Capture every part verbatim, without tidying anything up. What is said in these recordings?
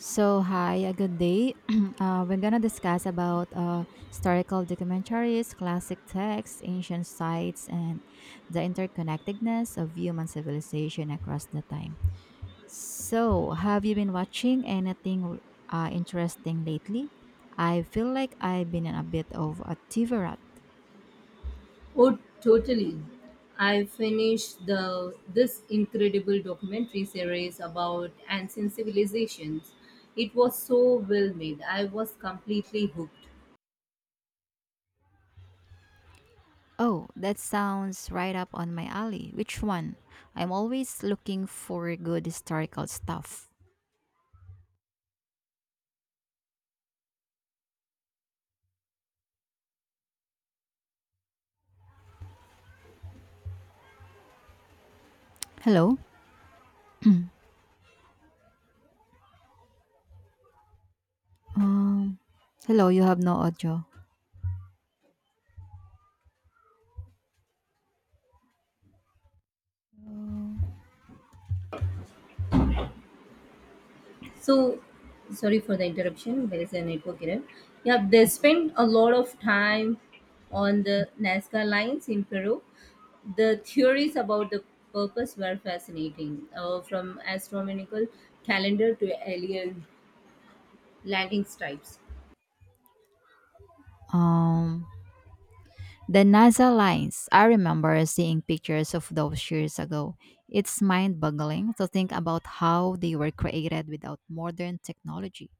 So hi, a good day. uh, we're gonna discuss about uh, historical documentaries, classic texts, ancient sites, and the interconnectedness of human civilization across the time. So, have you been watching anything uh, interesting lately? I feel like I've been in a bit of a T V. Oh, totally. I finished the this incredible documentary series about ancient civilizations. It was so well made. I was completely hooked. Oh, that sounds right up on my alley. Which one? I'm always looking for good historical stuff. Hello. Um, hello, you have no audio. So, sorry for the interruption. There is a network error. Yeah, they spent a lot of time on the Nazca lines in Peru. The theories about the purpose were fascinating, uh, from astronomical calendar to alien landing stripes. Um, the NASA lines. I remember seeing pictures of those years ago. It's mind boggling to think about how they were created without modern technology.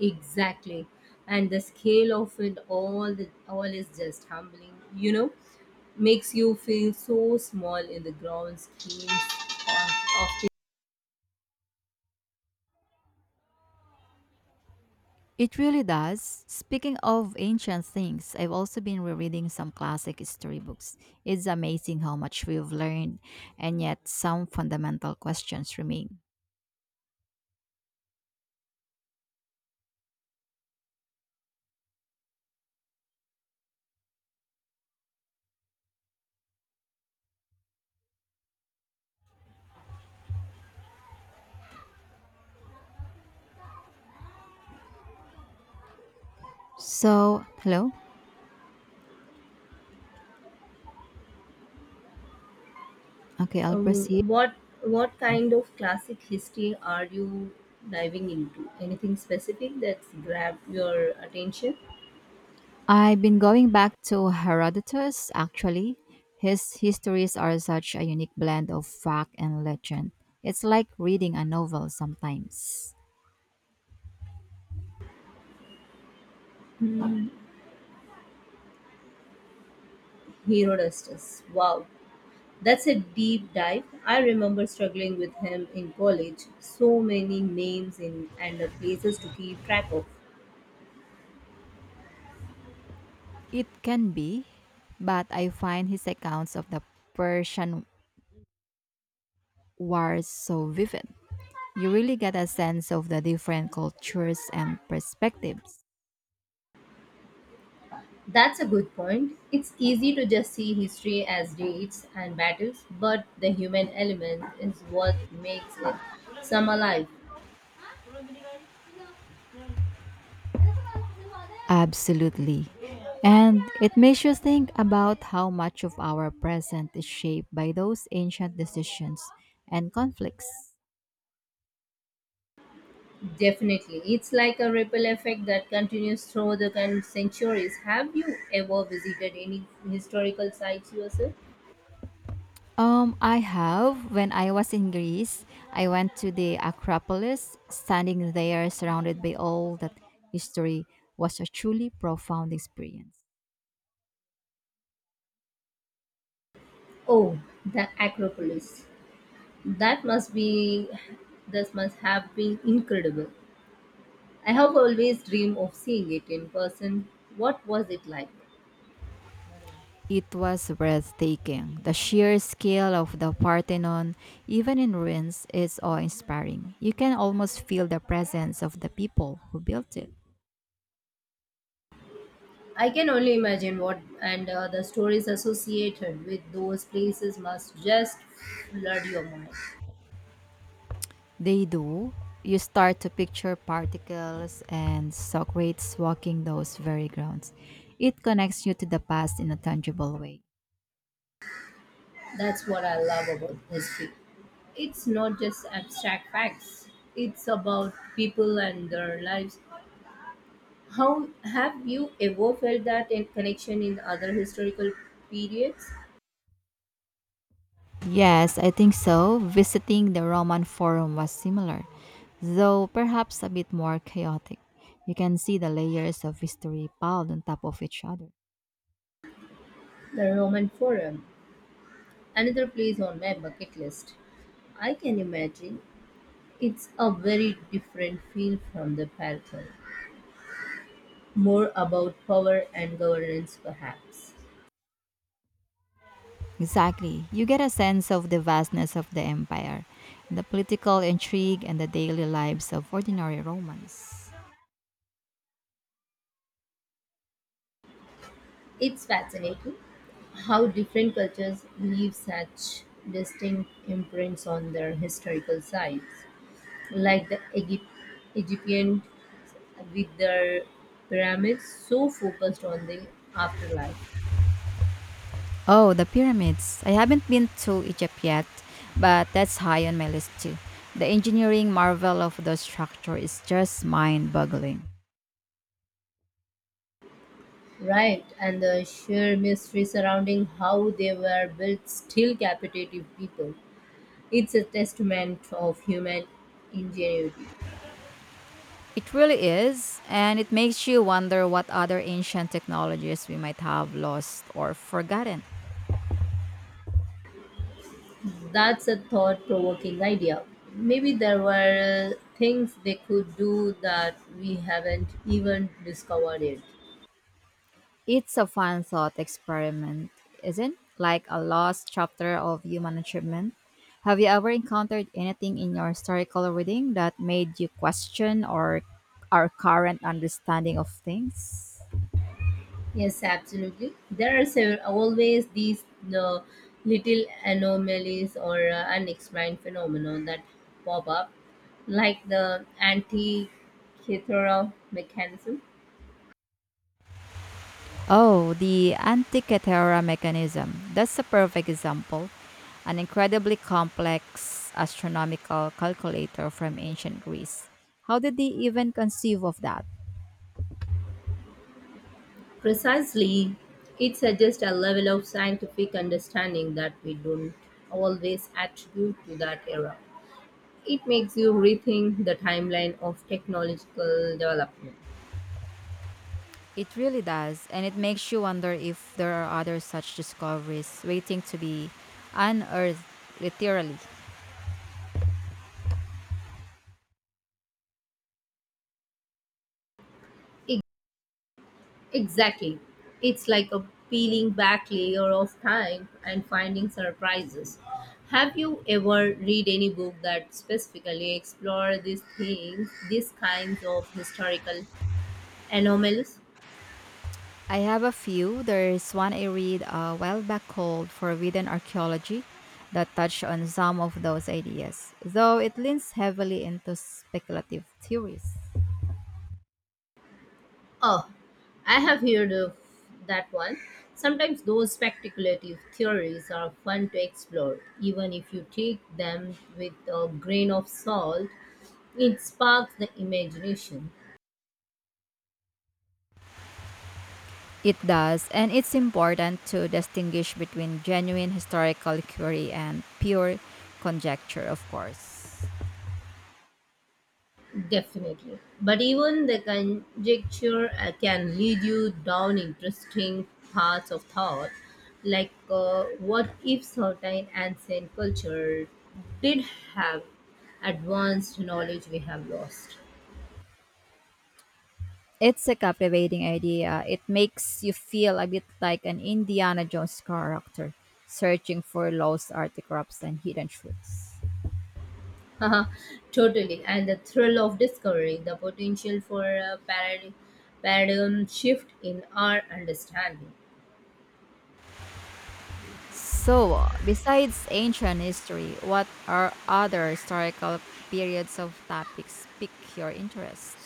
Exactly. And the scale of it all the all is just humbling, you know, makes you feel so small in the grand schemes of, of things. It really does. Speaking of ancient things, I've also been rereading some classic history books. It's amazing how much we've learned, and yet some fundamental questions remain. So, hello? Okay, I'll Um, proceed. what what kind of classic history are you diving into? Anything specific that's grabbed your attention? I've been going back to Herodotus, actually. His histories are such a unique blend of fact and legend. It's like reading a novel sometimes. Herodotus. Wow. That's a deep dive. I remember struggling with him in college. So many names in and the places to keep track of. It can be, but I find his accounts of the Persian Wars so vivid. You really get a sense of the different cultures and perspectives. That's a good point. It's easy to just see history as dates and battles, but the human element is what makes it some alive. Absolutely. And it makes you think about how much of our present is shaped by those ancient decisions and conflicts. Definitely. It's like a ripple effect that continues through the con- centuries. Have you ever visited any historical sites yourself? Um, I have. When I was in Greece, I went to the Acropolis. Standing there, surrounded by all that history, was a truly profound experience. Oh, the Acropolis. That must be, this must have been incredible. I have always dreamed of seeing it in person. What was it like? It was breathtaking. The sheer scale of the Parthenon, even in ruins, is awe inspiring. You can almost feel the presence of the people who built it. I can only imagine what and uh, the stories associated with those places must just flood your mind. They do. You start to picture particles and Socrates walking those very grounds. It connects you to the past in a tangible way. That's what I love about history. It's not just abstract facts, it's about people and their lives. How have you ever felt that in connection in other historical periods? Yes, I think so. Visiting the Roman Forum was similar, though perhaps a bit more chaotic. You can see the layers of history piled on top of each other. The Roman Forum, another place on my bucket list. I can imagine it's a very different feel from the Parthenon. More about power and governance, perhaps. Exactly. You get a sense of the vastness of the empire, the political intrigue, and the daily lives of ordinary Romans. It's fascinating how different cultures leave such distinct imprints on their historical sites, like the Egypt, Egyptians with their pyramids so focused on the afterlife. Oh, the pyramids. I haven't been to Egypt yet, but that's high on my list too. The engineering marvel of the structure is just mind boggling. Right, and the sheer mystery surrounding how they were built still captivative people. It's a testament of human ingenuity. It really is, and it makes you wonder what other ancient technologies we might have lost or forgotten. That's a thought provoking idea. Maybe there were uh, things they could do that we haven't even discovered yet. It's a fun thought experiment, isn't it? Like a lost chapter of human achievement. Have you ever encountered anything in your historical reading that made you question or our current understanding of things? Yes, absolutely. There are several, always these uh, little anomalies or uh, unexplained phenomena that pop up, like the antikythera mechanism. Oh, the Antikythera mechanism. That's a perfect example. An incredibly complex astronomical calculator from ancient Greece. How did they even conceive of that? Precisely, it suggests a level of scientific understanding that we don't always attribute to that era. It makes you rethink the timeline of technological development. It really does, and it makes you wonder if there are other such discoveries waiting to be unearthed, literally. E- Exactly. It's like a peeling back layer of time and finding surprises. Have you ever read any book that specifically explore these things, these kinds of historical anomalies? I have a few. There's one I read a while back called Forbidden Archaeology that touched on some of those ideas, though it leans heavily into speculative theories. Oh, I have heard of that one. Sometimes those speculative theories are fun to explore, even if you take them with a grain of salt. It sparks the imagination, It does, and it's important to distinguish between genuine historical query and pure conjecture, of course. definitely. But even the conjecture uh, can lead you down interesting paths of thought, like uh, what if certain ancient culture did have advanced knowledge we have lost? It's a captivating idea. It makes you feel a bit like an Indiana Jones character searching for lost artifacts and hidden truths. Haha, totally. And the thrill of discovery, the potential for a parad- paradigm shift in our understanding. So, besides ancient history, what are other historical periods of topics pique your interest?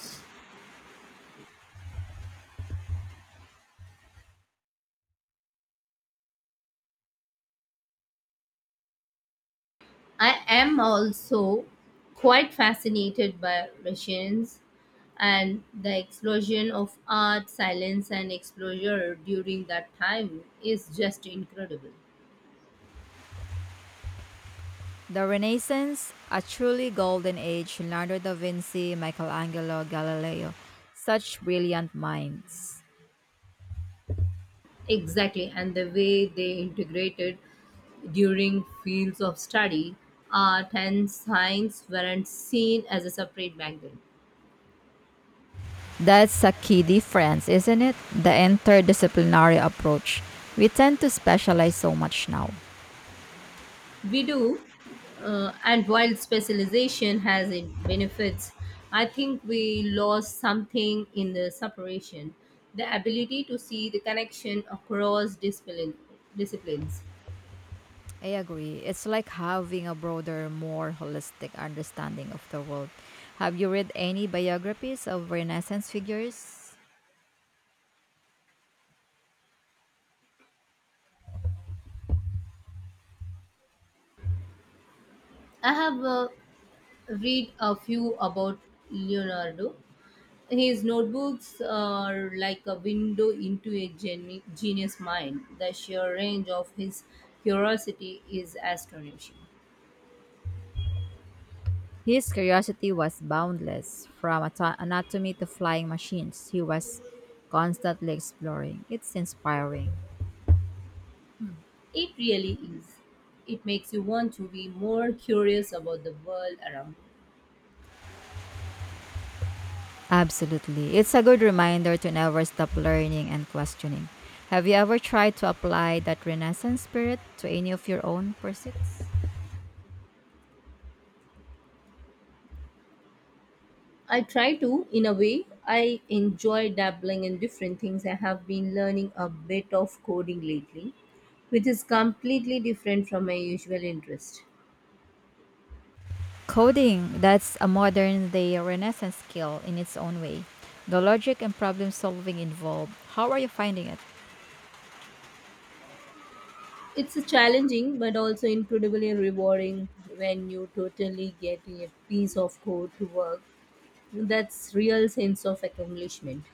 I am also quite fascinated by Russians and the explosion of art, silence, and exposure during that time is just incredible. The Renaissance, a truly golden age, Leonardo da Vinci, Michelangelo, Galileo, such brilliant minds. Exactly, and the way they integrated during fields of study, art and science weren't seen as a separate background. That's a key difference, isn't it? The interdisciplinary approach. We tend to specialize so much now. We do, uh, and while specialization has its benefits, I think we lost something in the separation the ability to see the connection across discipline, disciplines. I agree. It's like having a broader, more holistic understanding of the world. Have you read any biographies of Renaissance figures? I have uh, read a few about Leonardo. His notebooks are like a window into a geni- genius mind. The sheer range of his curiosity is astonishing. His curiosity was boundless. From ato- anatomy to flying machines, he was constantly exploring. It's inspiring. It really is. It makes you want to be more curious about the world around. You. Absolutely. It's a good reminder to never stop learning and questioning. Have you ever tried to apply that Renaissance spirit to any of your own pursuits? I try to, in a way. I enjoy dabbling in different things. I have been learning a bit of coding lately, which is completely different from my usual interest. Coding, that's a modern day renaissance skill in its own way. The logic and problem solving involved. How are you finding it? It's a challenging but also incredibly rewarding when you totally get a piece of code to work. That's real sense of accomplishment.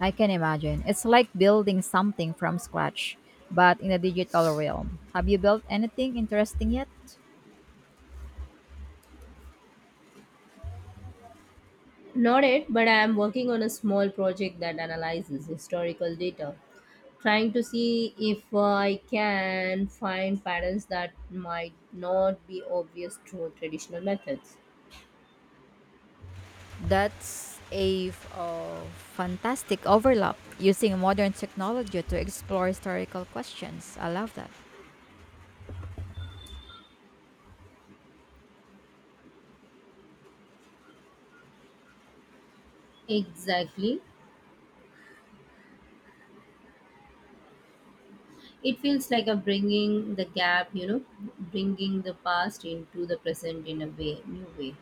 I can imagine. It's like building something from scratch, but in the digital realm. Have you built anything interesting yet? Not yet, but I am working on a small project that analyzes historical data, trying to see if uh, I can find patterns that might not be obvious through traditional methods. That's a f- uh, Fantastic overlap using modern technology to explore historical questions. I love that. Exactly. It feels like a bringing the gap, you know, bringing the past into the present in a way, new way.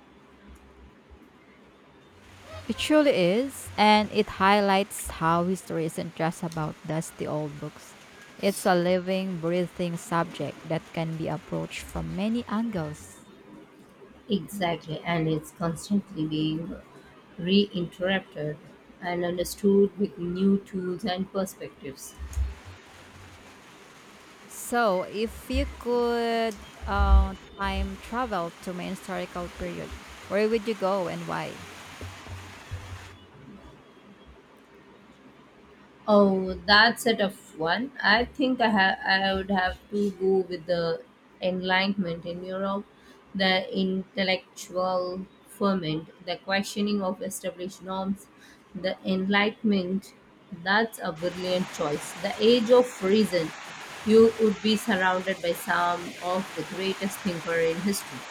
It truly is, and it highlights how history isn't just about dusty old books. It's a living, breathing subject that can be approached from many angles. Exactly, and it's constantly being reinterrupted and understood with new tools and perspectives. So, if you could uh, time travel to my historical period, where would you go and why? Oh, that's a tough one. I think I ha- I would have to go with the Enlightenment in Europe, the intellectual ferment, the questioning of established norms, the Enlightenment. That's a brilliant choice. The Age of Reason. You would be surrounded by some of the greatest thinker in history.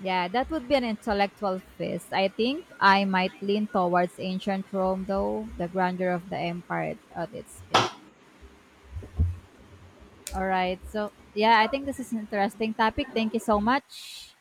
Yeah, that would be an intellectual feast. I think I might lean towards ancient Rome, though, the grandeur of the empire at its peak. Alright. So, yeah, I think this is an interesting topic. Thank you so much.